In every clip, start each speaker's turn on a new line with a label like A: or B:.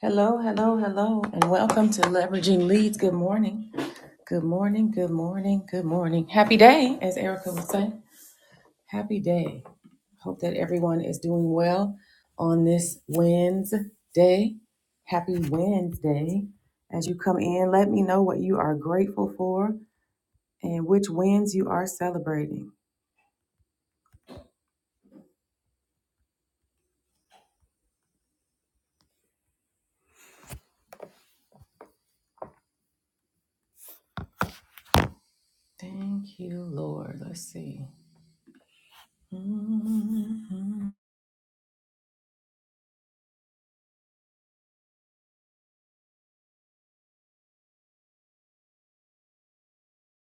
A: Hello, hello, hello, and welcome to Leveraging Leads. Good morning. Good morning, good morning, good morning. Happy day, as Erica would say. Happy day. Hope that everyone is doing well on this Wednesday. Happy Wednesday. As you come in, let me know what you are grateful for and which wins you are celebrating. Thank you, Lord. Let's see. Mhm.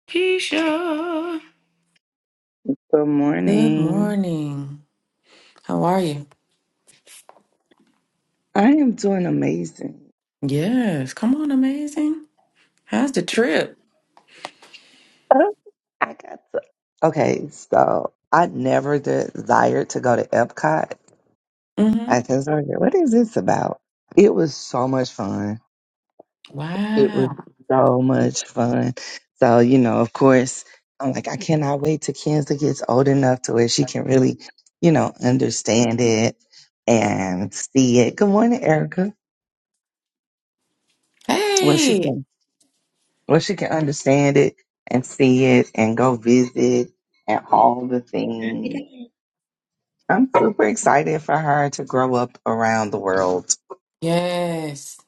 A: Keisha.
B: Good
A: Good
B: morning.
A: morning. How are you?
B: I am doing amazing.
A: Yes. Come on, amazing. How's the trip?
B: Uh, I got to. Okay, so I never desired to go to Epcot.
A: Mm-hmm.
B: I just wondered, what is this about? It was so much fun. It was
A: Wow.
B: so much fun. So, you know, of course, I'm like, I cannot wait till Kenza gets old enough to where she can really, you know, understand it and see it. Good morning, Erica. Well, she
A: Hey.
B: can. where she can understand it and see it and go visit and all the
C: It
B: things.
C: is.
B: I'm super excited for her to grow up around the world.
A: Yes.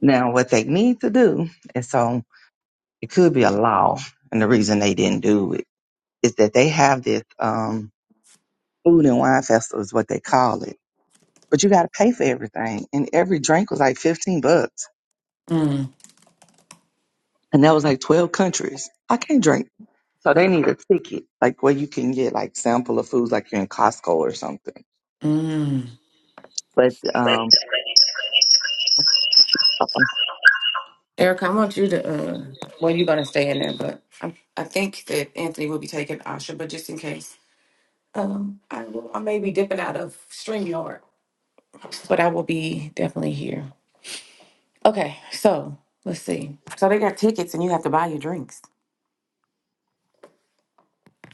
B: Now, what they need to do, and so it could be a law, and the reason they didn't do it is that they have this um, food and wine festival, is what they call it. But you got to pay for everything, and every drink was like 15 bucks,
A: Mm.
B: and that was like 12 countries. I can't drink. So they need a ticket, like where you can get like sample of foods, like you're in Costco or something
A: Mm.
B: But um,
A: Erica, I want you to uh well you're gonna stay in there, but I, I think that Anthony will be taking Asha, but just in case. Um I will I may be dipping out of StreamYard. But I will be definitely here. Okay, so let's see. So they got tickets and you have to buy your drinks.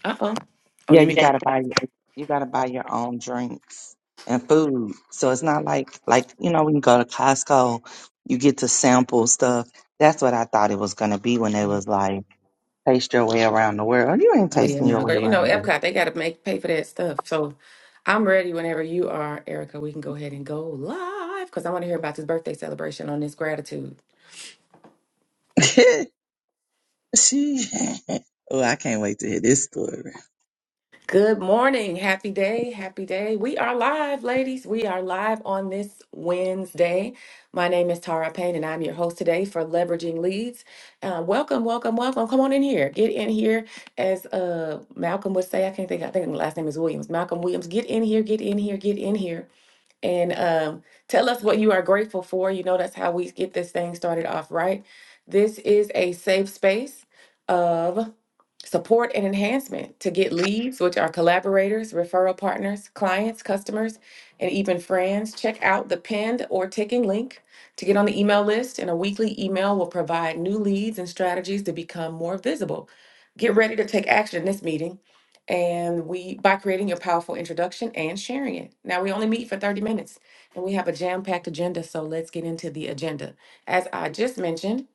A: Uh oh. Oh,
B: yeah,
A: you
B: you gotta
A: mean?
B: buy you gotta buy your own drinks and food. So it's not like like you know when you go to Costco, you get to sample stuff. That's what I thought it was gonna be when it was like taste your way around the world. Oh, You ain't
A: Oh yeah,
B: tasting your
A: no,
B: way
A: girl. You
B: around
A: know,
B: the
A: Epcot,
B: world.
A: they gotta make pay for that stuff. So I'm ready whenever you are, Erica. We can go ahead and go live because I want to hear about this birthday celebration on this gratitude.
B: she. Oh, I can't wait to hear this story.
A: Good morning. Happy day. Happy day. We are live, ladies. We are live on this Wednesday. My name is Tara Payne and I'm your host today for Leveraging Leads. Uh, welcome, welcome, welcome. Come on in here. Get in here. As uh Malcolm would say, I can't think, I think the last name is Williams. Malcolm Williams, get in here, get in here, get in here. and um, tell us what you are grateful for. You know, that's how we get this thing started off, right? This is a safe space of support and enhancement to get leads, which are collaborators, referral partners, clients, customers, and even friends. Check out the pinned or ticking link to get on the email list, and a weekly email will provide new leads and strategies to become more visible. Get ready to take action in this meeting and we by creating your powerful introduction and sharing it. Now we only meet for 30 minutes and we have a jam-packed agenda, so let's get into the agenda. As I just mentioned,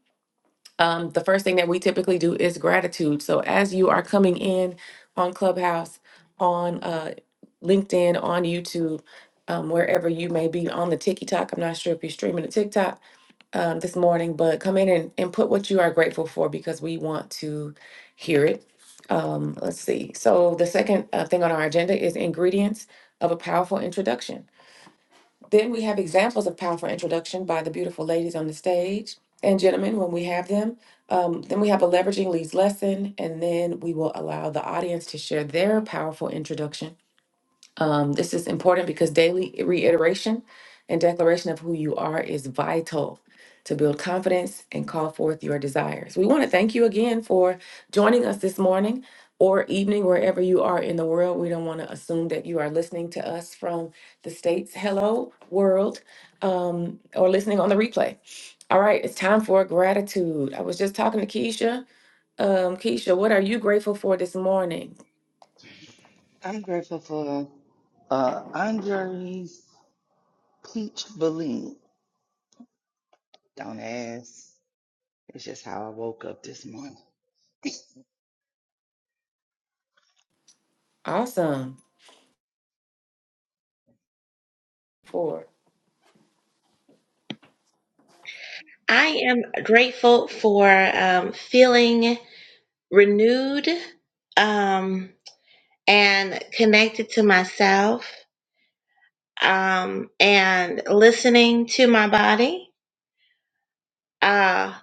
A: um, the first thing that we typically do is gratitude. So as you are coming in on Clubhouse, on uh, LinkedIn, on YouTube, um, wherever you may be on the TikTok, I'm not sure if you're streaming the TikTok, um, this morning, but come in and, and put what you are grateful for because we want to hear it. Um, let's see. So, the second uh, thing on our agenda is ingredients of a powerful introduction. Then we have examples of powerful introduction by the beautiful ladies on the stage and gentlemen when we have them. Um, then we have a leveraging leads lesson, and then we will allow the audience to share their powerful introduction. Um, this is important because daily reiteration and declaration of who you are is vital to build confidence and call forth your desires. We want to thank you again for joining us this morning or evening, wherever you are in the world. We don't want to assume that you are listening to us from the States. Hello, world, um, or listening on the replay. All right, it's time for gratitude. I was just talking to Keisha. Um, Keisha, what are you grateful for this morning?
B: I'm grateful for uh, Andre's peach Bellini. Don't ask. It's just how I woke up this morning.
A: Awesome. Four.
C: I am grateful for um, feeling renewed um, and connected to myself um, and listening to my body. Uh,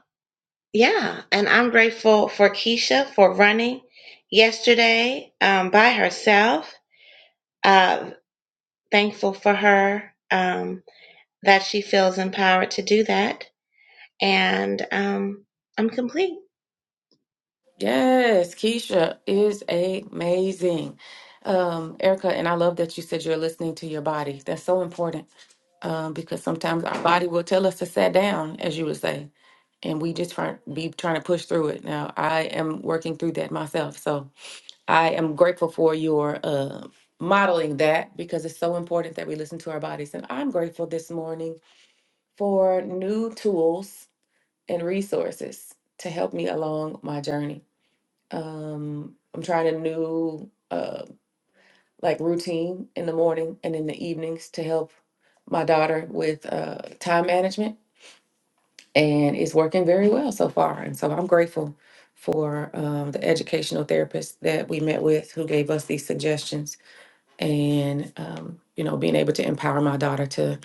C: yeah, and I'm grateful for Keisha for running yesterday um, by herself. Uh, thankful for her um, that she feels empowered to do that. And um, I'm complete.
A: Yes, Keisha is amazing. Um, Erica, and I love that you said you're listening to your body. That's so important um, because sometimes our body will tell us to sit down, as you would say, and we just try, be trying to push through it. Now, I am working through that myself. So I am grateful for your uh, modeling that because it's so important that we listen to our bodies. And I'm grateful this morning for new tools and resources to help me along my journey. Um, I'm trying a new uh, like routine in the morning and in the evenings to help my daughter with uh, time management, and it's working very well so far. And so I'm grateful for um, the educational therapist that we met with who gave us these suggestions and um, you know being able to empower my daughter to.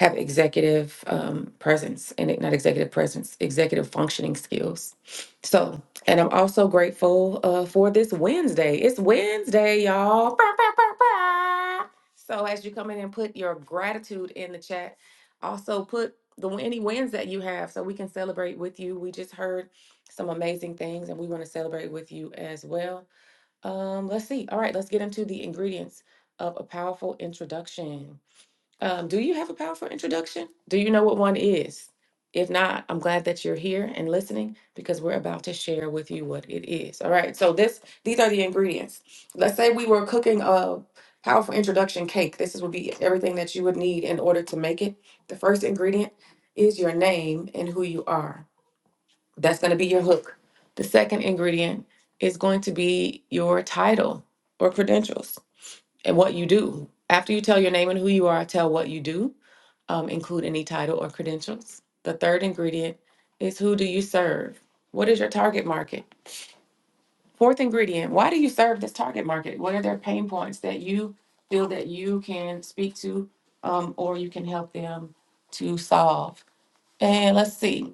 A: have executive um, presence and it- not executive presence, executive functioning skills. So, and I'm also grateful uh, for this Wednesday. It's Wednesday, y'all. Bah, bah, bah, bah. So, as you come in and put your gratitude in the chat, also put the any wins that you have so we can celebrate with you. We just heard some amazing things and we want to celebrate with you as well. Um, let's see. All right, let's get into the ingredients of a powerful introduction. Um, do you have a powerful introduction? Do you know what one is? If not, I'm glad that you're here and listening because we're about to share with you what it is. All right. So this these are the ingredients. Let's say we were cooking a powerful introduction cake. This would be everything that you would need in order to make it. The first ingredient is your name and who you are. That's going to be your hook. The second ingredient is going to be your title or credentials and what you do. After you tell your name and who you are, tell what you do um, include any title or credentials. The third ingredient is who do you serve? What is your target market? Fourth ingredient, why do you serve this target market? What are their pain points that you feel that you can speak to um, or you can help them to solve? And let's see,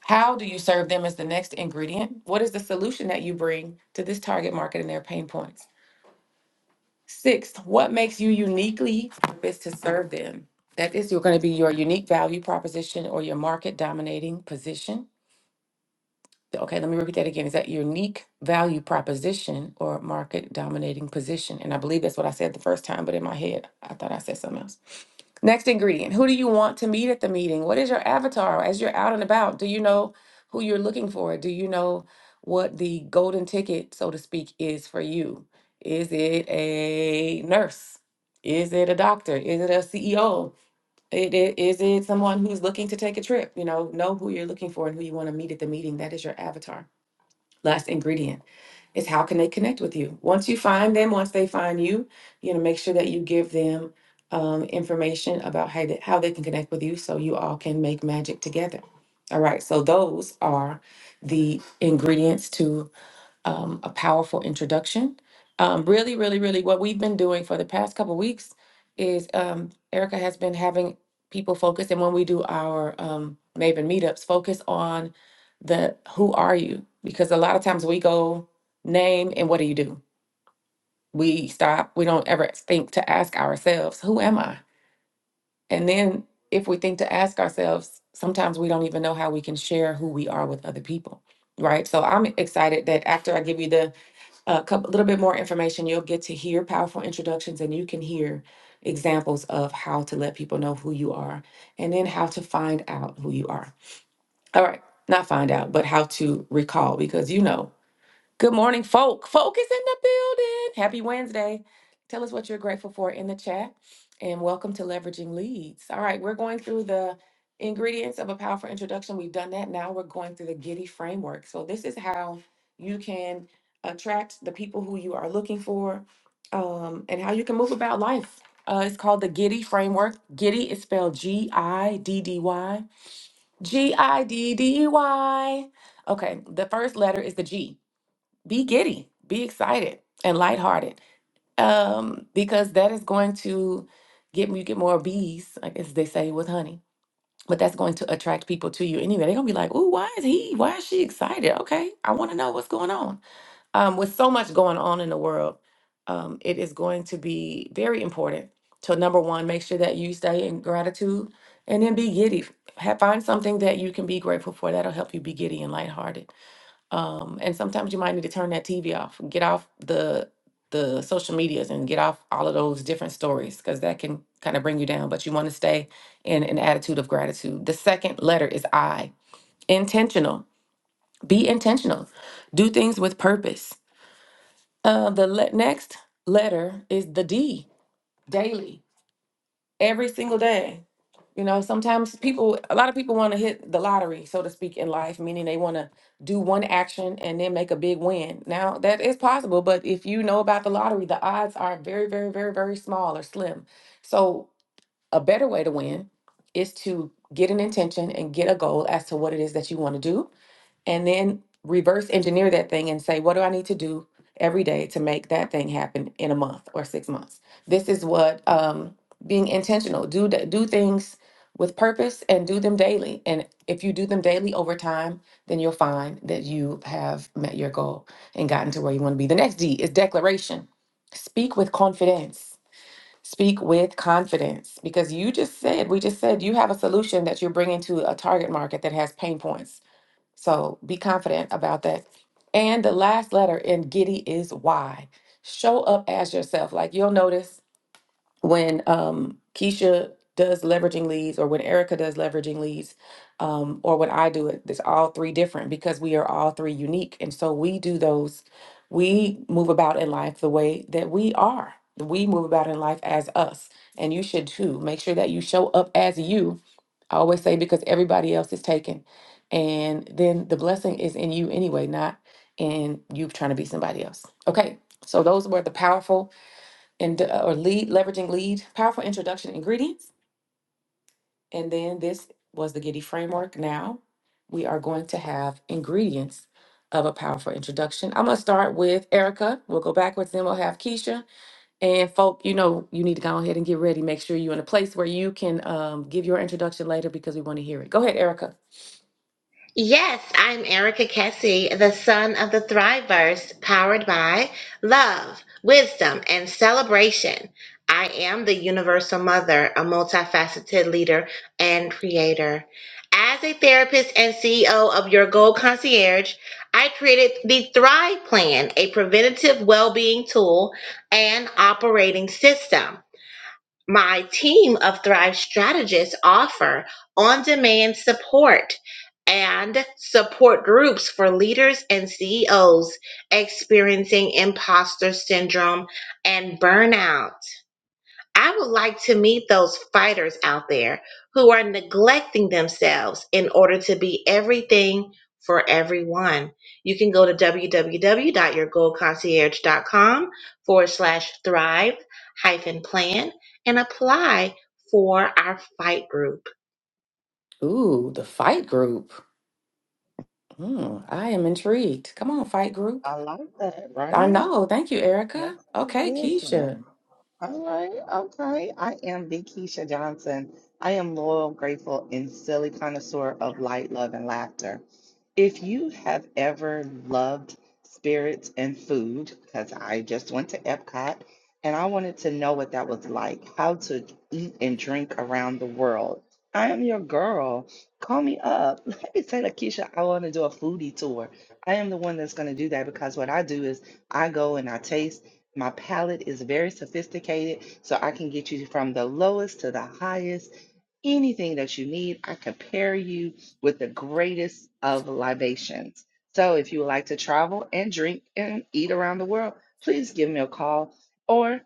A: how do you serve them is the next ingredient. What is the solution that you bring to this target market and their pain points? Sixth, what makes you uniquely purposed to serve them? That is, you're going to be your unique value proposition or your market dominating position. Okay, let me repeat that again. Is that unique value proposition or market dominating position? And I believe that's what I said the first time, but in my head, I thought I said something else. Next ingredient Who do you want to meet at the meeting? What is your avatar as you're out and about? Do you know who you're looking for? Do you know what the golden ticket, so to speak, is for you? Is it a nurse? Is it a doctor? Is it a CEO? It, it, is it someone who's looking to take a trip? You know, know who you're looking for and who you want to meet at the meeting. That is your avatar last ingredient is how can they connect with you once you find them once they find you you know make sure that you give them um, information about how, they, how they can connect with you so you all can make magic together all right so those are the ingredients to um, a powerful introduction. Um, really, really, really, what we've been doing for the past couple weeks is um, Erica has been having people focus, and when we do our um, Maven meetups, focus on the who are you? Because a lot of times we go name and what do you do? We stop. We don't ever think to ask ourselves, who am I? And then if we think to ask ourselves, sometimes we don't even know how we can share who we are with other people, right? So I'm excited that after I give you the a couple, a little bit more information, you'll get to hear powerful introductions and you can hear examples of how to let people know who you are and then how to find out who you are. All right, not find out, but how to recall because you know Good morning, folk. Folk is in the building. Happy Wednesday. Tell us what you're grateful for in the chat. And welcome to Leveraging Leads. All right, we're going through the ingredients of a powerful introduction. We've done that. Now we're going through the Giddy framework. So, this is how you can attract the people who you are looking for um, and how you can move about life. Uh, it's called the Giddy framework. Giddy is spelled G I D D Y. G I D D Y. Okay, the first letter is the G be giddy, be excited and lighthearted. Um, because that is going to get you get more bees, I guess they say with honey. But that's going to attract people to you anyway. They're gonna be like, "Ooh, why is he? Why is she excited? Okay, I want to know what's going on." Um, with so much going on in the world, um, it is going to be very important to number one, make sure that you stay in gratitude, and then be giddy. Have, find something that you can be grateful for. That'll help you be giddy and lighthearted um, and sometimes you might need to turn that TV off, get off the the social medias, and get off all of those different stories because that can kind of bring you down. But you want to stay in an attitude of gratitude. The second letter is I. Intentional. Be intentional. Do things with purpose. Uh, the le- next letter is the D. Daily. Every single day. You know, sometimes people, a lot of people want to hit the lottery, so to speak, in life, meaning they want to do one action and then make a big win. Now, that is possible, but if you know about the lottery, the odds are very, very, very, very small or slim. So, a better way to win is to get an intention and get a goal as to what it is that you want to do and then reverse engineer that thing and say, what do I need to do every day to make that thing happen in a month or six months? This is what um, being intentional do da- do things with purpose and do them daily. And if you do them daily over time, then you'll find that you have met your goal and gotten to where you want to be. The next D is declaration. Speak with confidence. Speak with confidence because you just said, we just said you have a solution that you're bringing to a target market that has pain points so be confident about that. And the last letter in Giddy is Y. Show up as yourself. Like you'll notice when um, Keisha does leveraging leads or when Erica does leveraging leads um, or when I do it, it's all three different because we are all three unique. And so we do those, we move about in life the way that we are. We move about in life as us. And you should too. Make sure that you show up as you I always say because everybody else is taken. And then the blessing is in you anyway, not in you trying to be somebody else. Okay. So those were the powerful and uh, or lead leveraging lead powerful introduction ingredients. And then this was the Giddy framework. Now we are going to have ingredients of a powerful introduction. I'm gonna start with Erica. We'll go backwards, then we'll have Keisha. And folk, you know, you need to go ahead and get ready. Make sure you're in a place where you can um, give your introduction later because we want to hear it. Go ahead, Erica.
C: Yes, I'm Erica Kessie, the son of the Thriveverse, powered by love, wisdom, and celebration. I am the universal mother, a multifaceted leader and creator. As a therapist and CEO of Your Goal Concierge, I created the Thrive Plan, a preventative well being tool and operating system. My team of Thrive strategists offer on-demand support and support groups for leaders and CEOs experiencing imposter syndrome and burnout. I would like to meet those fighters out there who are neglecting themselves in order to be everything for everyone. You can go to www.yourgoalconcierge.com forward slash thrive hyphen plan and apply for our fight group.
A: Ooh, the fight group. Hmm, I am intrigued. Come on, fight group.
B: I like that,
A: I
B: right?
A: know. Thank you, Erica.
B: That's
A: Okay,
B: so different.
A: Keisha.
B: All right, okay. I am the Keisha Johnson. I am loyal, grateful, and silly connoisseur of light, love, and laughter. If you have ever loved spirits and food, because I just went to Epcot and I wanted to know what that was like, how to eat and drink around the world. I am your girl. Call me up. Let me say, Lakeisha, I want to do a foodie tour. I am the one that's going to do that because what I do is I go and I taste. My palate is very sophisticated, so I can get you from the lowest to the highest anything that you need, I compare you with the greatest of libations. So if you would like to travel and drink and eat around the world, please give me a call or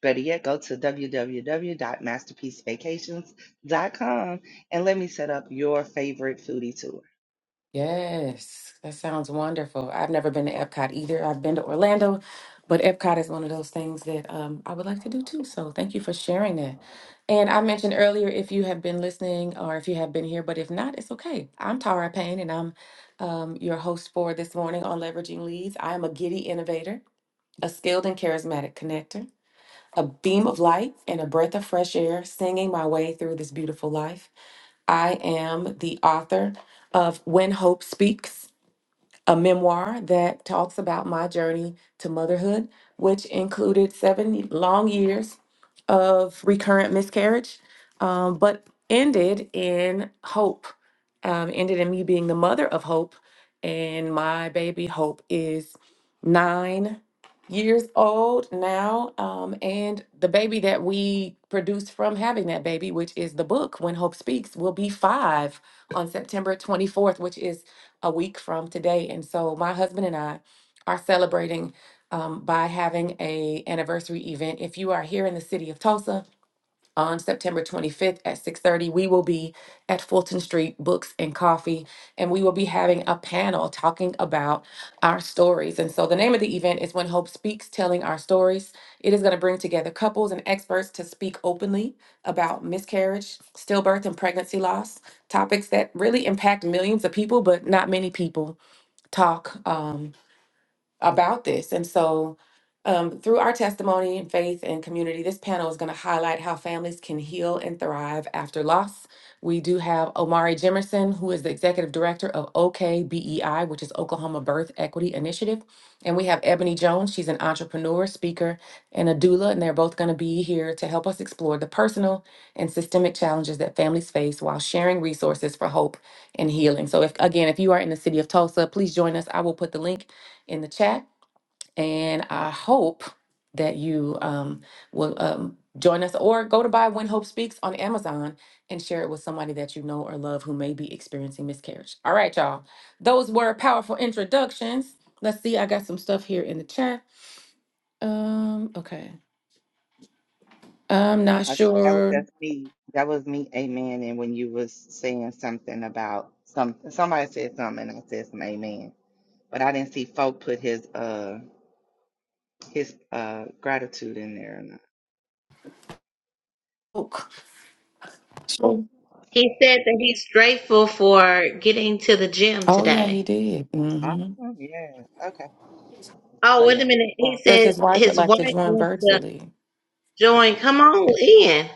B: better yet, go to www.masterpiecevacations.com and let me set up your favorite foodie tour.
A: Yes, that sounds wonderful. I've never been to Epcot either. I've been to Orlando, but Epcot is one of those things that um, I would like to do too. So thank you for sharing that. And I mentioned earlier if you have been listening or if you have been here, but if not, it's okay. I'm Tara Payne and I'm um, your host for this morning on Leveraging Leads. I am a giddy innovator, a skilled and charismatic connector a beam of light and a breath of fresh air singing my way through this beautiful life. I am the author of When Hope Speaks a memoir that talks about my journey to motherhood, which included seven long years of recurrent miscarriage, um, but ended in hope, um, ended in me being the mother of hope. And my baby Hope is nine years old now. Um, and the baby that we produced from having that baby, which is the book When Hope Speaks, will be five on September 24th, which is a week from today. And so my husband and I are celebrating um, by having a anniversary event. If you are here in the city of Tulsa, on September 25th at 6:30 we will be at Fulton Street Books and Coffee and we will be having a panel talking about our stories and so the name of the event is When Hope Speaks Telling Our Stories it is going to bring together couples and experts to speak openly about miscarriage stillbirth and pregnancy loss topics that really impact millions of people but not many people talk um, about this. And so, um, through our testimony and faith and community, this panel is going to highlight how families can heal and thrive after loss. We do have Omari Jimerson, who is the executive director of OKBEI, which is Oklahoma Birth Equity Initiative. And we have Ebony Jones. She's an entrepreneur, speaker, and a doula. And they're both going to be here to help us explore the personal and systemic challenges that families face while sharing resources for hope and healing. So, if again, if you are in the city of Tulsa, please join us. I will put the link in the chat. And I hope that you um, will um, join us or go to buy When Hope Speaks on Amazon and share it with somebody that you know or love who may be experiencing miscarriage. All right, y'all. Those were powerful introductions. Let's see, I got some stuff here in the chat. Um, okay. I'm not
B: I think that was
A: sure.
B: just me. That was me, amen. And when you was saying something about some, somebody said something, and I said some amen. But I didn't see folk put his uh his uh gratitude in there or not.
A: Oh, sure.
C: He said that he's grateful for getting to the gym
A: Oh, yeah, he
C: today.
A: did. Mm-hmm.
B: Awesome. Yes. Okay. So
C: Oh, wait a
B: yeah.
C: minute.
B: Uh,
C: He
A: Says
C: said
A: his wife would
C: his
A: like
C: wife
A: to join
C: wants to
A: virtually.
C: join. Come on in.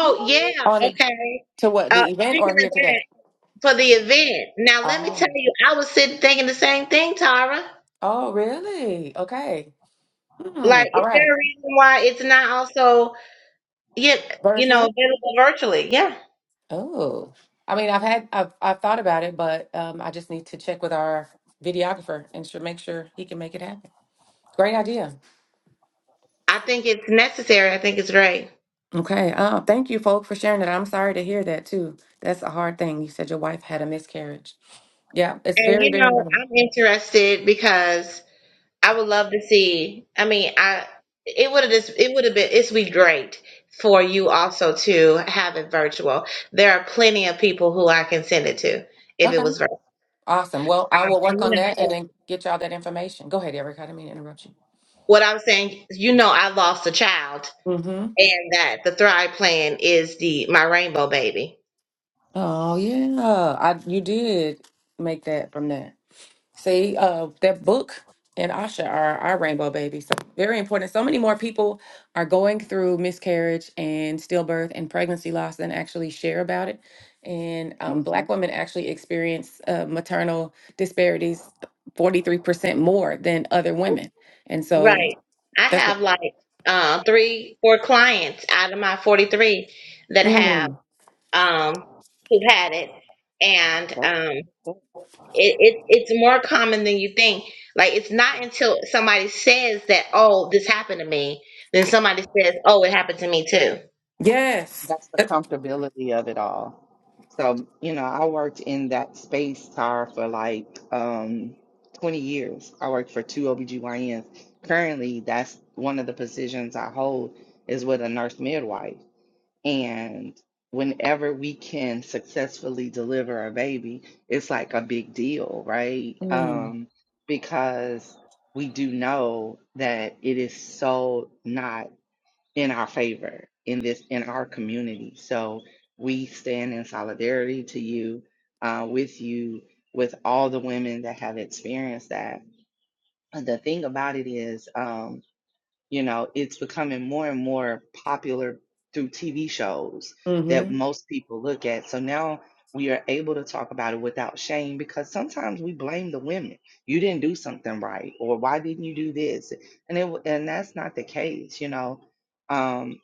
B: good
C: yeah,
B: morning.
A: On it
C: okay.
A: to what
C: Uh,
A: the event
C: speaking
A: or here
C: of
A: today?
C: that, for the event, now let me
A: Oh,
C: tell you, I was sitting thinking the same thing, Tara.
A: oh, really? Okay. Hmm.
C: Like,
A: All
C: is
A: right.
C: there a reason why it's not also yet, you know,
A: Virtual.
C: available virtually? Yeah,
A: Oh, I mean, I've had, I've, I've thought about it, but um, I just need to check with our videographer and sure make sure he can make it happen. Great idea.
C: I think it's necessary. I think it's great.
A: Okay. Uh, thank you, folk, for sharing that. I'm sorry to hear that too. That's a hard thing. You said your wife had a miscarriage. Yeah, it's
C: And
A: very,
C: you
A: very.
C: know,
A: hard.
C: I'm interested because I would love to see. I mean, I it would have just it would have been it's be great for you also to have it virtual. There are plenty of people who I can send it to if it
A: Okay.
C: was
A: Awesome. Well, I will work
C: you
A: on that and
C: know,
A: then get y'all that information. Go ahead, Erica. I didn't mean to interrupt you.
C: what I'm saying, you know, I lost a child,
A: Mm-hmm.
C: and that the Thrive Plan is the my rainbow baby.
A: Oh yeah, I you did make that from that. See, uh, that book and Asha are our rainbow babies. So very important. So many more people are going through miscarriage and stillbirth and pregnancy loss than actually share about it. And um,
B: Mm-hmm.
A: Black women actually experience uh, maternal disparities 43% more than other women. And so
C: Right. I
A: that's what.
C: have like uh, three, four clients out of my 43 that have
A: Mm,
C: um, who had it, and
B: That's
C: um,
B: that's the thing.
C: it, it it's more common than you think. Like it's not until somebody says that, oh, this happened to me, then somebody says, oh, it happened to me too.
A: yes.
B: That's the
A: That's,
B: comfortability of it all. So you know, I worked in that space car for like um 20 years. I worked for two OBGYNs. Currently, that's one of the positions I hold is with a nurse midwife. And whenever we can successfully deliver a baby, it's like a big deal, right?
A: mm,
B: Um, because we do know that it is so not in our favor in this in our community. So we stand in solidarity to you, uh, with you, with all the women that have experienced that. And The thing about it is, um, you know, it's becoming more and more popular through TV shows
A: mhm.
B: that most people look at. So now we are able to talk about it without shame because sometimes we blame the women. You didn't do something right, or why didn't you do this? And it and that's not the case, you know. Um,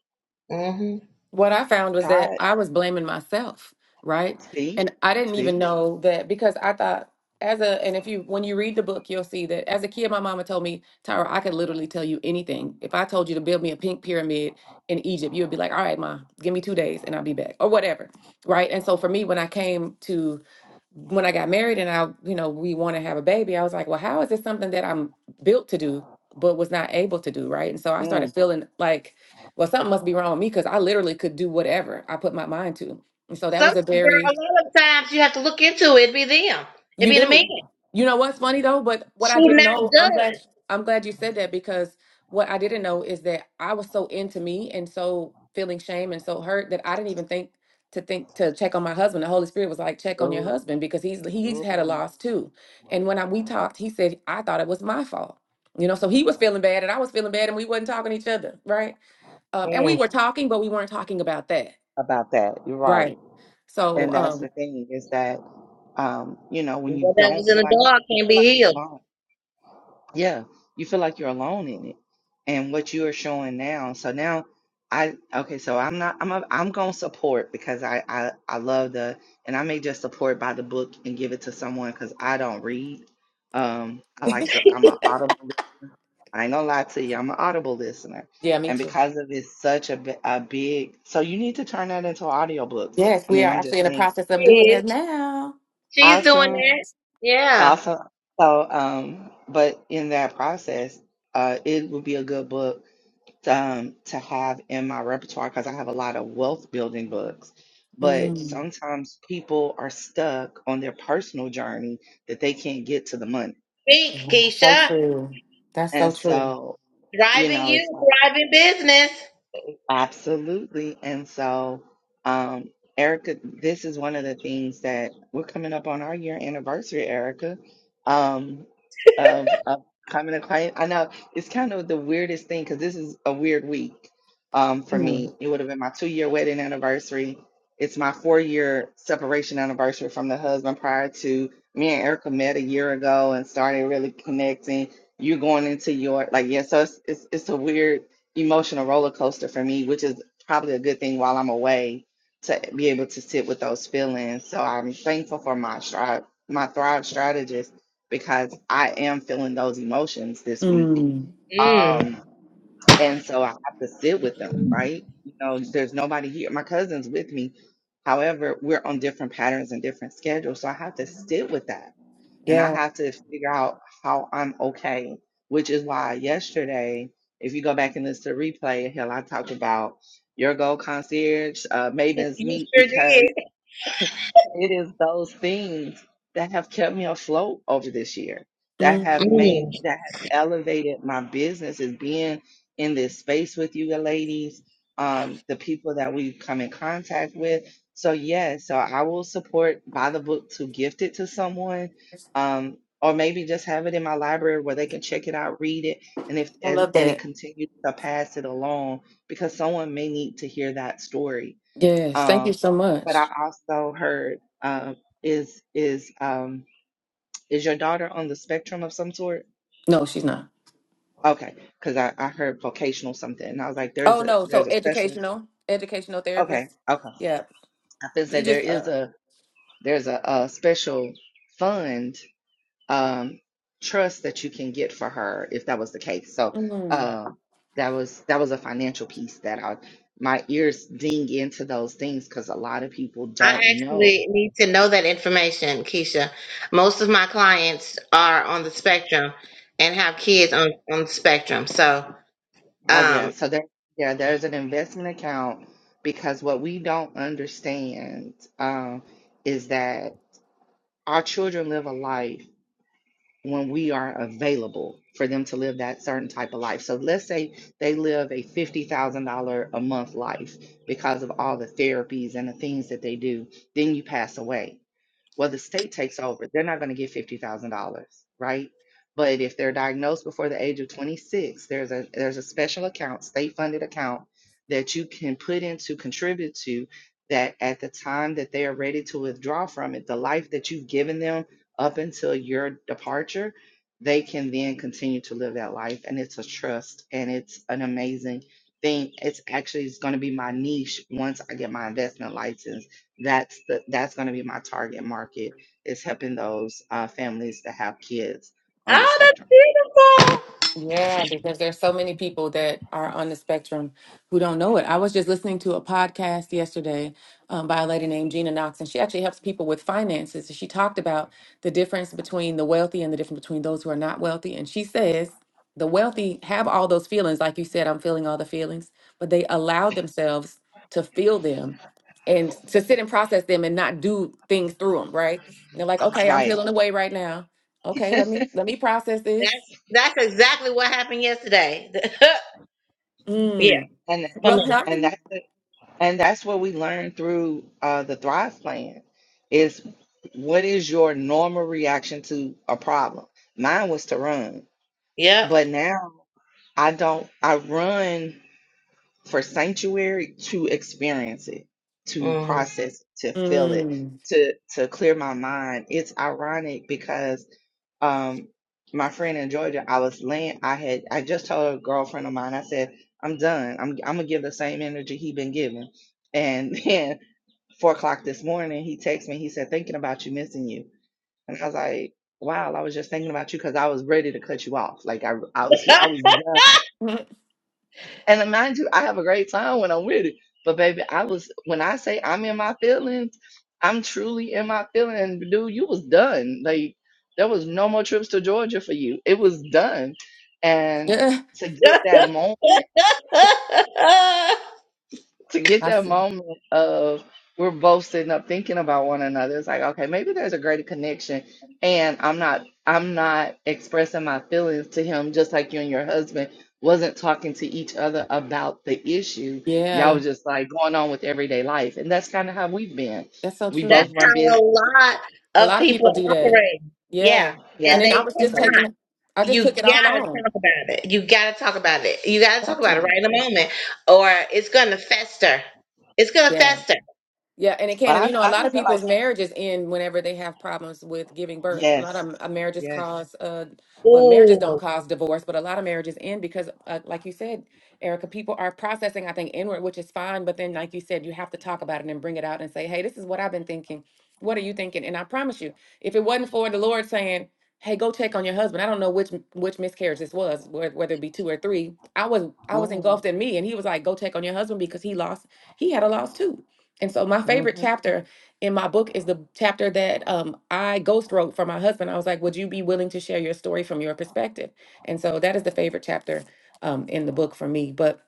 C: hmm
A: what I found was that
B: God,
A: I was blaming myself, right?
B: see,
A: And I didn't even
B: see,
A: know that because I thought as a and if you when you read the book, you'll see that as a kid, my mama told me, Tyra, I could literally tell you anything. If I told you to build me a pink pyramid in Egypt, you would be like, All right, ma, give me two days and I'll be back. Or whatever. Right. And so for me, when I came to when I got married and I, you know, we want to have a baby, I was like, well, how is this something that I'm built to do, but was not able to do? Right. And so I started
B: mm,
A: feeling like well, something must be wrong with me because I literally could do whatever I put my mind to. And so that
C: Some
A: was a
C: girl,
A: very
C: a lot of times you have to look into it. It'd be them. It'd
A: you
C: be the man.
A: do. You know what's funny though, but what I
C: She
A: didn't
C: now
A: know,
C: does.
A: I'm glad I'm glad you said that because what I didn't know is that I was so into me and so feeling shame and so hurt that I didn't even think to think to check on my husband. The Holy Spirit was like, check on your
B: oh,
A: husband because he's he's had a
B: oh,
A: loss too. And when I, we talked, he said I thought it was my fault. You know, so he was feeling bad and I was feeling bad and we wasn't talking to each other, right? Um, and we
C: Mm.
A: were talking, but we weren't talking about that
B: about that. You're right,
A: Right. So,
B: and that's the
A: um,
B: thing is that um, you know, when you
C: What that was
B: don't
C: in
B: feel like
C: the dog
B: you
C: can't
B: feel like
C: be
B: you're
C: healed.
B: alone. Yeah, you feel like you're alone in it, and what you are showing now. So now, I okay. So I'm not. I'm a, I'm gonna support because I I I love the and I may just support by the book and give it to someone because I don't read. Um, I like to. I'm an audible listener. I ain't gonna lie to you. I'm an audible listener,
A: yeah, me
B: and
A: too.
B: because of it's such a bi- a big. So you need to turn that into an audiobook.
A: Yes,
B: I
A: we
B: mean,
A: are
B: I'm just
A: actually in the
B: saying.
A: process
C: She
A: of doing that
C: is.
A: now.
C: She's doing
B: Awesome.
C: that. Yeah.
B: Awesome. So, um, but in that process, uh, it would be a good book to, um, to have in my repertoire because I have a lot of wealth building books. But
A: Mm.
B: sometimes people are stuck on their personal journey that they can't get to the money.
C: Think,
A: Yeah, so
C: Keisha.
A: true. That's
B: And
A: so true.
B: so, you
C: Driving
B: know, it's
C: you, thriving business.
B: Absolutely. And so, um, Erica, this is one of the things that we're coming up on our year anniversary, Erica, um, of, of coming to client. I know it's kind of the weirdest thing because this is a weird week um, for
A: Mm.
B: me. It would have been my two year wedding anniversary. It's my four year separation anniversary from the husband prior to me and Erica met a year ago and started really connecting. You're going into your, like, yeah, so it's, it's, it's a weird emotional roller coaster for me, which is probably a good thing while I'm away to be able to sit with those feelings. So I'm thankful for my stri- my Thrive strategist because I am feeling those emotions this week.
A: Mm.
C: Mm.
B: Um, and so I have to sit with them, right? You know, there's nobody here. My cousin's with me. However, we're on different patterns and different schedules. So I have to sit with that and I
A: Yeah.
B: have to figure out how I'm okay, which is why yesterday, if you go back and listen to replay, hell, I talked about your gold concierge, uh, Maven's
C: You
B: meet
C: sure
B: because
C: did.
B: it is those things that have kept me afloat over this year, that have
A: Mm.
B: made,
C: Mm.
B: that has elevated my business is being in this space with you ladies, um, the people that we've come in contact with. So yes, so I will support buy the book to gift it to someone, um, or maybe just have it in my library where they can check it out, read it, and if
A: I
B: and,
A: love
B: and it
A: that.
B: continues to pass it along because someone may need to hear that story
A: Yes. Thank you
B: um,
A: so
B: but I
A: much.
B: also heard um, is is um, is your daughter on the spectrum of some sort?
A: No, she's not.
B: Okay, because I, I heard vocational something, and I was like,
A: Oh
B: there's a
A: no. So
B: there's a special.
A: educational, educational therapist.
B: Okay, okay.
A: Yeah.
B: I can say
A: You
B: there
A: just
B: is
A: uh.
B: a there's a, a special fund um, trust that you can get for her if that was the case. So
A: mm.
B: uh, that was that was a financial piece that I my ears ding into those things because a lot of people
C: I
B: don't know
C: actually need to know that information, Keisha. Most of my clients are on the spectrum and have kids on, on the spectrum. So,
B: Oh yeah,
C: um,
B: so there, yeah, there's an investment account because what we don't understand um, is that our children live a life when we are available for them to live that certain type of life. So let's say they live a $50,000 a month life because of all the therapies and the things that they do, then you pass away. Well, the state takes over. They're not going to get $50,000, right? But if they're diagnosed before the age of 26, there's a there's a special account, state funded account that you can put into contribute to that at the time that they are ready to withdraw from it, the life that you've given them up until your departure, they can then continue to live that life and it's a trust and it's an amazing thing. It's actually it's going to be my niche once I get my investment license that's the that's going to be my target market is helping those uh, families that have kids on the
C: Oh, that's
B: spectrum
C: beautiful.
A: Yeah, because there's so many people that are on the spectrum who don't know it. I was just listening to a podcast yesterday um, by a lady named Gina Knox, and she actually helps people with finances. She talked about the difference between the wealthy and the difference between those who are not wealthy. And she says the wealthy have all those feelings, like you said, I'm feeling all the feelings, but they allow themselves to feel them and to sit and process them and not do things through them, right? They're like, okay, I'm
B: right
A: feeling away right now. Okay, let me let me process this.
C: That's that's exactly what happened yesterday. yeah,
A: Mm.
B: and
C: for
A: Well,
C: me.
B: and
A: hey.
B: that's the, and that's what we learned through uh, the thrive plan is what is your normal reaction to a problem mine was to run
C: Yep.
B: but now i don't i run for sanctuary to experience it to
C: Mhm.
B: process it, to feel it
A: Mm.
B: to to clear my mind it's ironic because um my friend in Georgia, I was laying I had I just told a girlfriend of mine, I said, I'm done. I'm I'm gonna give the same energy he been giving. And then four o'clock this morning he texted me, he said, Thinking about you, missing you. And I was like, Wow, I was just thinking about you because I was ready to cut you off. Like I I was I was done. And mind you, I have a great time when I'm with it. But baby, I was when I say I'm in my feelings, I'm truly in my feelings. Dude, you was done. Like there was no more trips to Georgia for you. It was done. And
A: Yeah,
B: to get
C: that's
B: that moment to get
A: I
B: that
A: see.
B: moment of we're both sitting up thinking about one another. It's like, okay, maybe there's a greater connection and I'm not I'm not expressing my feelings to him just like you and your husband wasn't talking to each other about the issue. Y'all
A: Yeah,
B: was just like going on with everyday life. And that's kind of how we've been.
A: that's so
B: We both
A: true.
B: run
C: how a
B: business.
C: lot
A: A
C: of
A: lot of people
C: people
A: do that.
C: operate.
A: Yeah.
C: Yeah,
B: Yeah.
A: And
C: and
A: then I
C: they
A: was just
B: So we-
A: taking
C: cannot.
A: it, I just
C: You
A: took it all
C: gotta
A: on.
C: talk about it. You gotta talk about it. You gotta talk
A: Got
C: about it
A: to.
C: right in the moment, or it's gonna fester. It's gonna
A: yeah.
C: fester.
A: Yeah, and it can.
B: but
A: And you
B: I
A: know, a
B: I
A: lot of
B: just feel like
A: people's marriages end whenever they have problems with giving birth. A lot
B: yes.
A: of uh, marriages
B: Yes.
A: cause, uh, well, marriages don't
C: Ooh.
A: cause divorce, but a lot of marriages end because, uh, like you said, Erica, people are processing, I think, inward, which is fine. But then, like you said, you have to talk about it and bring it out and say, hey, this is what I've been thinking. What are you thinking? And I promise you, if it wasn't for the Lord saying, hey, go check on your husband, I don't know which which miscarriage this was, wh- whether it be two or three. I was I was engulfed in
B: Mm-hmm.
A: me, and He was like, go check on your husband because he lost, he had a loss too and so my favorite chapter in my book is the chapter that um, I ghost wrote for my husband. I was like, "Would you be willing to share your story from your perspective?" And so that is the favorite chapter um, in the book for me. But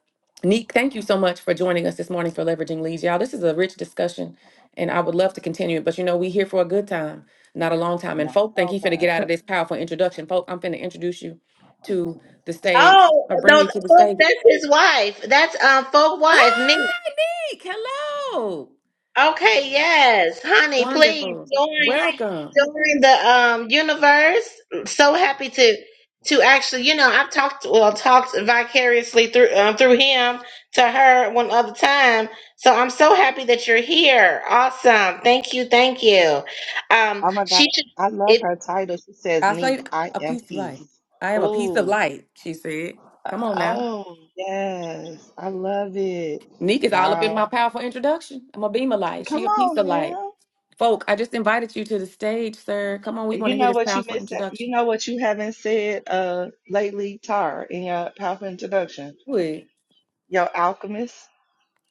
A: Neek, thank you so much for joining us this morning for leveraging leads, y'all. This is a rich discussion, and I would love to continue it. But you know, we here for a good time, not a long time. And
B: Not at
A: folk think
B: all
A: he finna get out of this powerful introduction. Folk, I'm finna introduce you to the stage
C: Oh
A: or bring
C: no,
A: you to the
C: folk,
A: stage.
C: that's his wife. That's um folk wife, Nia.
A: Hi, Neek. Hello.
C: Okay, yes. Honey, please
A: Wonderful.
C: join
A: Welcome.
C: join the um universe. So happy to to actually, you know, I've talked well talked vicariously through um, through him to her one other time. So I'm so happy that you're here. Awesome. Thank you. Thank you. Um
B: Oh my gosh,
C: she should
B: I love
C: it
B: her title. She says,
A: I
B: Neek,
A: say
B: I
A: a
B: am
A: piece of light.
B: peace.
A: I am a piece of
B: Oh,
A: light, she said. Come on now.
B: oh, yes. I love it.
A: Neek is all up in my
B: Y'all,
A: powerful introduction. I'm a beam of light. She
B: come
A: a piece
B: on
A: of light.
B: now.
A: Folk, I just invited you to the stage, sir. Come on, we
B: And
A: want
B: You
A: to hear
B: know
A: this
B: what you
A: powerful
B: missing? You
A: introduction.
B: know what you haven't said uh lately, Tar, in your powerful introduction?
A: Wait.
B: Your alchemist.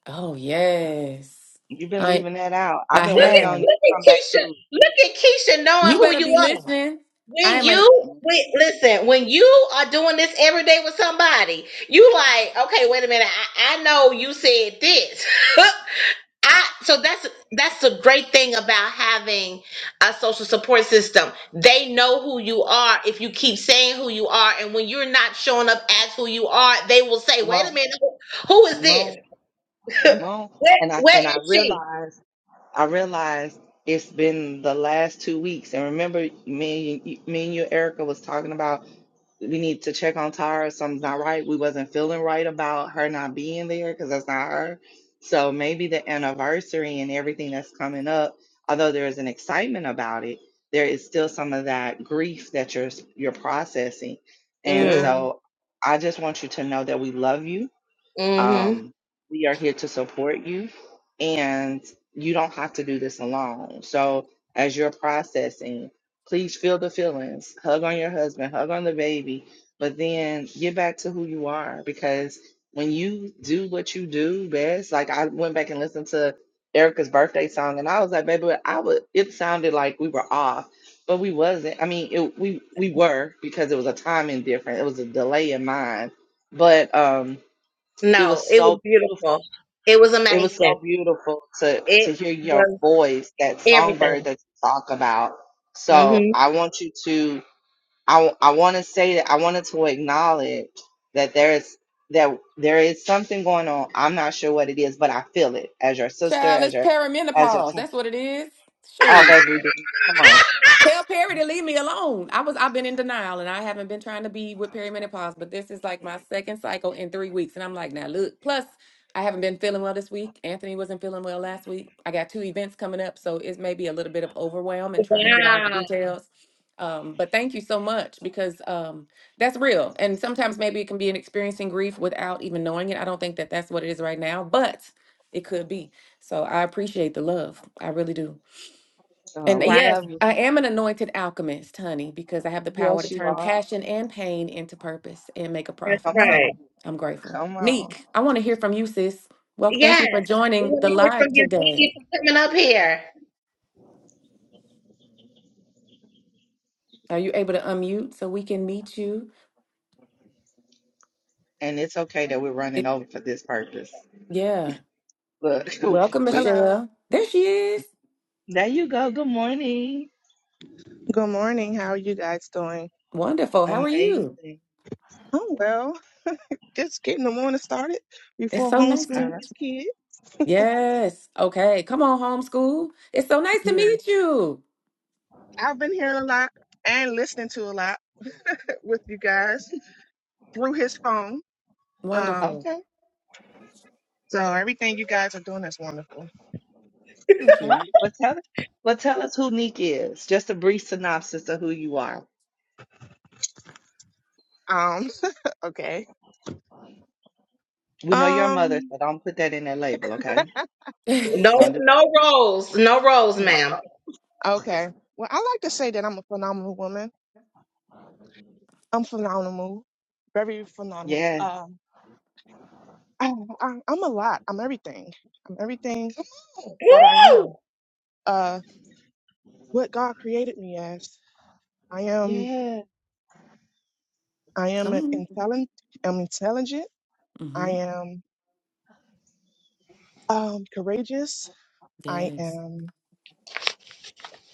A: Oh yes.
B: You've been
A: I
B: leaving that out. I've
A: I
B: been
C: Look
B: waiting
C: at
B: on
A: have.
B: you to
C: look at
B: come back
C: Keisha.
B: to.
C: Look at Keisha knowing
A: You
C: who
A: better
C: you
A: be
C: are.
A: listening. I
C: When
A: am a
C: you when, listen, when you are doing this every day with somebody, you like, okay, wait a minute. I, I know you said this. I so that's that's the great thing about having a social support system. They know who you are if you keep saying who you are, and when you're not showing up as who you are, they will say,
B: Come
C: wait a
B: on,
C: minute, who who is
B: come
C: this?
B: on, come on.
C: Where
B: And I
C: where
B: and I
C: is she?
B: realized. I realized it's been the last two weeks, and remember, me and you, me and you, Erica, was talking about we need to check on Tara. Something's not right. We wasn't feeling right about her not being there because that's not her. So maybe the anniversary and everything that's coming up, although there is an excitement about it, there is still some of that grief that you're you're processing. And
C: Mm,
A: girl.
B: so, I just want you to know that we love you
C: mm-hmm.
B: um, we are here to support you, and you don't have to do this alone. So, as you're processing, please feel the feelings, hug on your husband, hug on the baby, but then get back to who you are because when you do what you do best, like I went back and listened to Erica's birthday song, and I was like, baby, I would. It sounded like we were off, but we wasn't. I mean, it, we we were because it was a timing difference. It was a delay in mine, but um it
C: No,
B: was
C: it was
B: so beautiful.
C: beautiful. It was
B: It was
C: amazing.
B: so beautiful to to
C: It
B: hear your
C: was
B: voice, that
C: everything.
B: songbird that you talk about. So
C: hmm
B: I want you to I I want to say that I wanted to acknowledge that there is that there is something going on. I'm not sure what it is, but I feel it as your sister,
A: Child,
B: as
A: it's
B: your as your
A: perimenopause.
B: t-
A: That's what it is.
B: oh
A: Shoot.
B: baby, then come on,
A: Tell Perry to leave me alone. I was I've been in denial and I haven't been trying to be with perimenopause, but this is like my second cycle in three weeks. And I'm like, now look, plus I haven't been feeling well this week. Anthony wasn't feeling well last week. I got two events coming up, so it's maybe a little bit of overwhelm and trying to get all the
C: Wow.
A: details. Um, but thank you so much because um, that's real. And sometimes maybe it can be an experiencing grief without even knowing it. I don't think that that's what it is right now, but it could be. So I appreciate the love. I really do.
B: come
A: And
B: on,
A: uh,
B: we
C: Wow.
A: yes,
B: love you.
A: I am an anointed alchemist, honey, because I have the power to
B: Yes, you
A: turn
B: are.
A: passion and pain into purpose and make a
C: That's
A: profit.
B: Come on,
C: right.
A: So I'm grateful.
B: come on.
A: Neek, I want to hear from you, sis. Well, thank you
C: Yes.
A: for
C: We
A: joining
C: want
A: the
C: to hear from
A: live
C: you. Thank
A: today.
C: you for coming up here.
A: Are you able to unmute so we can meet you?
B: And it's okay that we're running
A: It,
B: over for this purpose.
A: yeah.
B: Look,
A: Welcome,
B: we.
D: Hello.
A: Michelle. There she is.
B: There you go. Good morning.
D: Good morning. How are you guys doing?
A: Wonderful. How are you?
B: Amazing.
D: Oh well. Just getting the morning started
A: It's
D: before
A: so nice to
D: homeschooling
B: All right.
A: meet
D: these
A: you.
D: kids.
A: Yes. Okay. Come on, homeschool. It's so nice to
D: Yes.
A: meet you.
D: I've been hearing a lot and listening to a lot with you guys through his phone. Um,
A: Wonderful.
B: Okay.
D: so everything you guys are doing is wonderful.
A: Thank
B: All
A: you.
B: right. Well, tell us. Well, tell us who Neek is. Just a brief synopsis of who you are.
D: Um, okay.
B: We know your mother,
D: Um,
B: so don't put that in that label, okay?
A: Come
B: Don't
C: No,
B: do that.
C: no rolls. No rolls,
B: No.
C: ma'am.
B: problem.
D: okay. Well, I like to say that I'm a phenomenal woman. I'm phenomenal, very phenomenal.
B: Yes.
D: Um, I, I, I'm a lot. I'm everything. I'm everything that I
C: Woo!
D: am. Uh, what God created me as. I am
B: Yes.
D: I am an
A: on.
D: intelligent I'm intelligent.
A: Mm-hmm.
D: I am um courageous. I
A: Yes.
D: am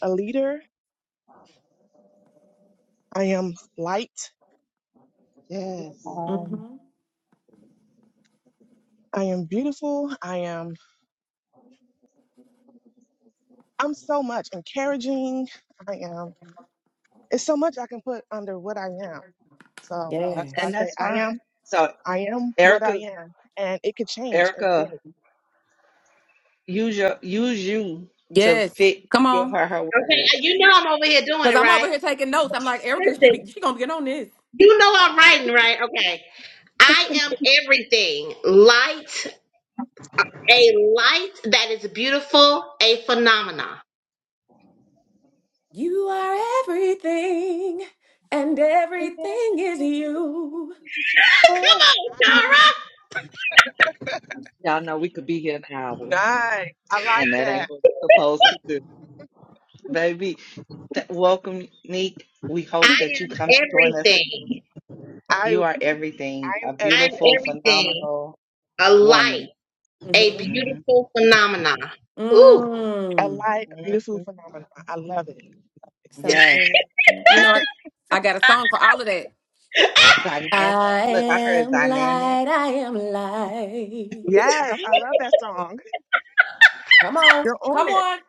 D: a leader. I am light.
B: Yes.
A: Mm.
D: Um
A: hmm
D: I am beautiful. I am I'm so much encouraging. I am it's so much I can put under what I am. So
B: Uh,
D: that's why I
B: And
A: Yes.
D: say
B: that's
D: I
B: fine.
D: am
B: So
D: I am what I
B: Erica,
D: am and it could change every
B: Erica,
D: day.
B: use your use you to
A: Yes.
B: fit.
A: Come
B: Give
A: on.
B: her her
C: Okay. uh,
B: words.
C: You know I'm over here doing
A: Because
C: it,
A: I'm over
C: right?
A: here taking notes. I'm like, Erica should
C: Listen,
A: be, she going to get on this.
C: you know I'm writing, right? Okay. I am everything. Light, a light that is beautiful, a phenomena.
A: You are everything, and everything is you.
C: Come on, Tara.
B: Y'all know we could be here an hour.
D: Nice. I like
B: And that ain't
D: that.
B: what we're supposed to do. Baby, th- welcome, Neek. We
C: I
B: hope that you come
C: am
B: and join us again.
C: everything.
D: I
B: You are everything
D: I am
B: a
C: I
D: everything.
C: am
B: beautiful,
C: everything.
B: phenomenal
C: A light,
B: woman.
C: a
A: Mm-hmm.
B: hmm
C: beautiful phenomenon. Ooh,
D: A
A: Mm.
D: light, a beautiful
B: hmm
D: phenomenon. I love it.
B: Yes.
A: Something. You know, I, I got a song for all of that.
B: Dynamic.
A: I
B: Look, I heard
A: am
B: dynamic.
A: light. I am light.
D: Yes,
B: Come
D: I
B: on.
D: love that song.
A: Come on.
D: You're on
A: Come
D: it.
A: on.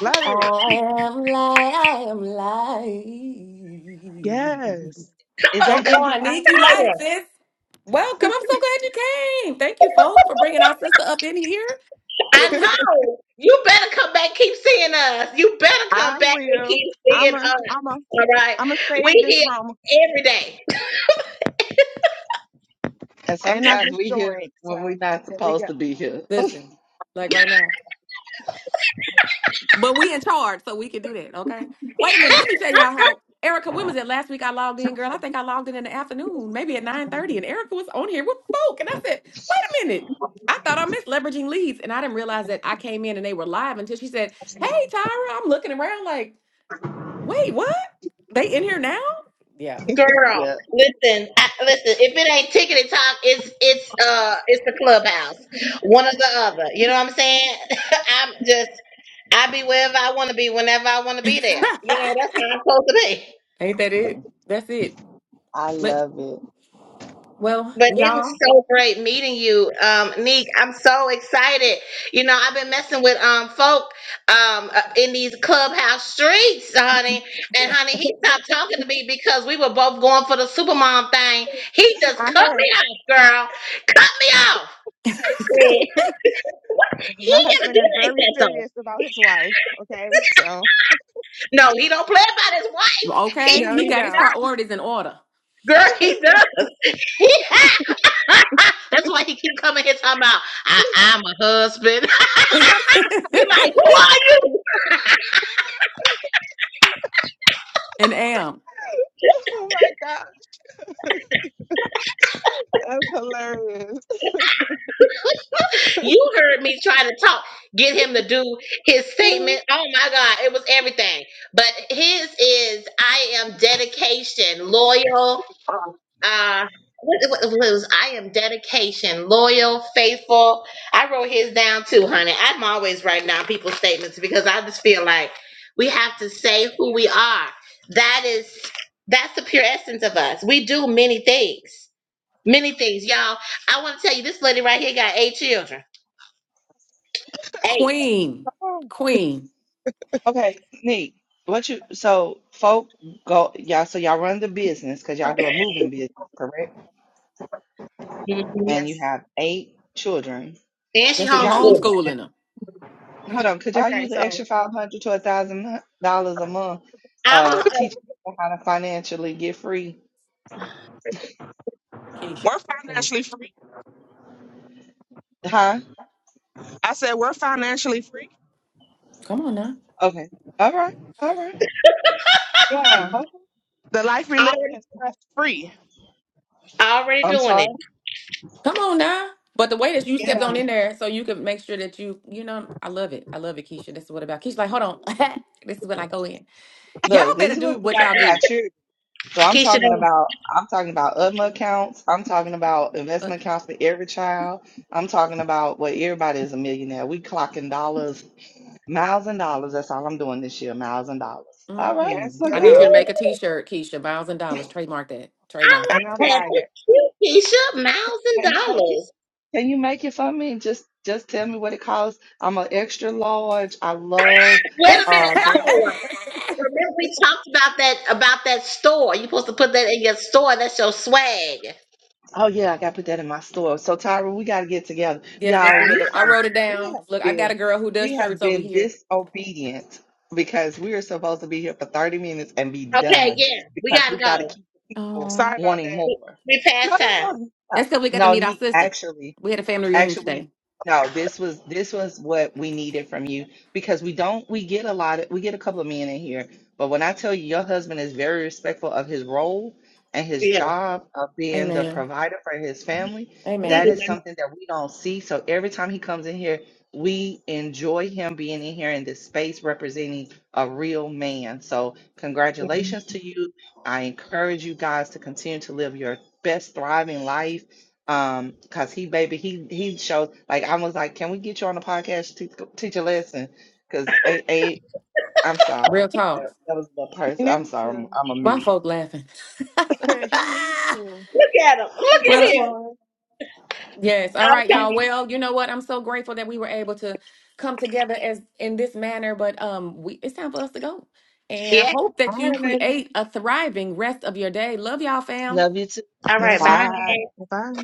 D: Love it.
A: I am light. I am light.
D: Yes.
B: Is
A: Come
B: that Indian
A: on, Nick,
B: Ivory?
A: you
C: I
A: light, sis. Welcome. I'm so glad you came. Thank you, folks, for bringing our sister up in here. Big week.
C: know. You better come back, keep seeing us. You better
D: I
C: come back and
D: will.
C: keep
D: I'm
C: seeing
D: a I'm a
C: us. All right,
D: I'm a
C: we
D: save this room
C: here every day,
B: And
D: and I
B: sometimes
D: just
B: we here
D: joined. So
B: when we're not
D: there we go.
B: supposed to be here.
A: Listen, like right now. But we in charge, so we can do that. Okay. Wait a minute. Let me tell y'all how Erica. When was it last week? I logged in, girl. I think I logged in in the afternoon, maybe at nine thirty, and Erica was on here with folk, and I said, "Wait a minute." I thought I missed leveraging leads, and I didn't realize that I came in and they were live until she said, "Hey, Tyra." I'm looking around like, "Wait, what? They in here now?" Yeah.
C: girl.
B: yeah,
C: Listen, I, listen. If it ain't tickety talk, it's it's uh it's the clubhouse, one or the other. You know what I'm saying? I'm just I be wherever I want to be, whenever I want to be there. You know, that's how I'm supposed to be.
A: Ain't that it? That's it.
B: I
A: But
B: love it.
A: well,
C: But it was
A: y'all,
C: so great meeting you, um, Neek. I'm so excited. You know, I've been messing with um folk um uh, in these clubhouse streets, honey. And honey, he stopped talking to me because we were both going for the supermom thing. He just
D: I
C: cut
D: heard.
C: me off, girl. Cut me off. I said, He
D: My
C: gotta
D: husband
C: be
D: is
C: like
D: very
C: that though.
D: serious about his wife. Okay, so
C: No, he don't play about his wife. He
A: okay.
D: no,
A: He
D: you
A: got his
D: don't.
A: priorities in order.
C: girl, he does. He That's why he keep coming here talking about I, I'm a husband. we like, who are you?
A: and am.
D: oh my gosh, that's hilarious.
C: you heard me try to talk, get him to do his statement. Oh my God, it was everything. But his is I am dedication, loyal.
D: Oh,
C: uh what, what what was I am dedication, loyal, faithful. I wrote his down too, honey. I'm always writing down people's statements because I just feel like we have to say who we are. That is that's the pure essence of us. We do many things. Many things. Y'all, I want to tell you this lady right here got eight children. 8
A: Queen.
B: Oh,
A: Queen.
B: okay, Neek. What you so folk go y'all so y'all run the business because y'all do a moving business, correct?
C: hmm
B: and you
D: yes.
B: have eight children,
C: And she
A: That
B: could
A: she
B: y'all use
C: homeschooled.
A: homeschooling them.
B: hold on, could y'all
D: Okay,
B: use the
D: so
B: extra five hundred to a thousand dollars a month
C: I'm
B: uh
C: a,
B: teaching people how to financially get free?
A: Keisha.
D: we're financially free.
B: Huh?
D: I said we're financially free.
A: Come on now.
B: Okay. All right. All right.
D: Yeah,
B: Okay.
D: the life we live
C: already,
D: in is stress free.
C: already
B: I'm
C: doing it.
B: sorry.
A: Come on now. But the way that you stepped on
D: Yeah,
A: in there, so you can make sure that you, you know, I love it. I love it, Keisha. This is what about Keisha. Like, hold on. this is when I go in. Y'all
B: Look,
A: better
B: this is
A: do
B: what we
A: what
B: got
A: y'all
B: we got
A: do.
B: children. So I'm
C: Keisha,
B: talking
C: don't-
B: about I'm talking about UDMA accounts. I'm talking about
A: Uh,
B: investment accounts for every child. I'm talking about well, everybody is a millionaire. We clocking dollars, miles and dollars. That's all I'm doing this year, miles and dollars. All right.
D: yes,
A: Mm.
B: Well,
A: I
B: good
A: need you
D: ma'am.
A: to
C: Ooh,
B: luck.
A: make a T-shirt, Keisha. Miles and dollars. Trademark that.
C: I
A: Trademark
D: And
C: like
D: I
B: Come
C: that.
D: buy it.
C: That's cute, Keisha. Miles
B: Can
C: and
B: you make it?
C: dollars.
B: Can you make it for me? Just just tell me what it costs. I'm an extra large. I love
C: Wait
A: it.
C: a minute,
B: uh green.
C: no. Remember we talked about that about that store. You're supposed to put that in your store. That's your swag.
B: Oh yeah, I gotta put that in my store. So Tyra, we gotta get together.
A: Yes, let's
B: Y'all,
A: do it.
B: we
A: I
B: have
A: wrote it
B: we
A: down.
B: have
A: Look, I got a
B: been
A: girl who does
B: we
A: shirts
B: have
A: over
B: been
A: here.
B: disobedient because we are supposed to be here for 30 minutes and be
C: Okay,
B: done
C: yeah. We
B: because we
C: gotta
B: gotta
C: go.
B: keep the people
A: Oh,
D: Sorry about
B: wanting
D: that.
C: We,
B: more.
C: we
B: No,
C: past
B: no,
C: time.
B: no.
A: that's
B: Stop.
A: because we got to
B: No,
A: meet our
B: need
A: sister.
B: actually.
A: We had a family reunion
B: Actually,
A: today.
B: no, this was this was what we needed from you because we don't we get a lot of we get a couple of men in here, but when I tell you your husband is very respectful of his role and his
C: Yeah.
B: job of being the
A: Amen.
B: provider for his family,
C: He
B: that
A: Amen.
B: is
C: didn't.
B: something that we don't see. So every time he comes in here, we enjoy him being in here in this space representing a real man. So
C: Look
B: congratulations to you. I encourage you guys to continue to live your best thriving life um because he baby he he showed like i was like can we get you on the podcast to teach teach a lesson because a a i'm sorry
A: Real talk.
B: that, that was the
D: He
B: person i'm
D: needs
B: sorry
D: to.
B: i'm, I'm a
A: Why
B: mute
A: folk laughing?
D: he needs to.
C: at him. Look
D: He
A: well,
D: up
C: at him.
D: for
A: Yes. All right,
C: Okay.
D: it.
A: y'all. Well, you know what? I'm so grateful that we were able to come together as in this manner, but um we it's time for us to go. And I
C: Yeah.
A: hope
D: All
A: that you
D: right, ladies.
A: create a thriving rest of your day. Love y'all, fam.
B: love you too
C: All right,
D: Yes, ma'am.
C: bye.
B: bye
D: Bye.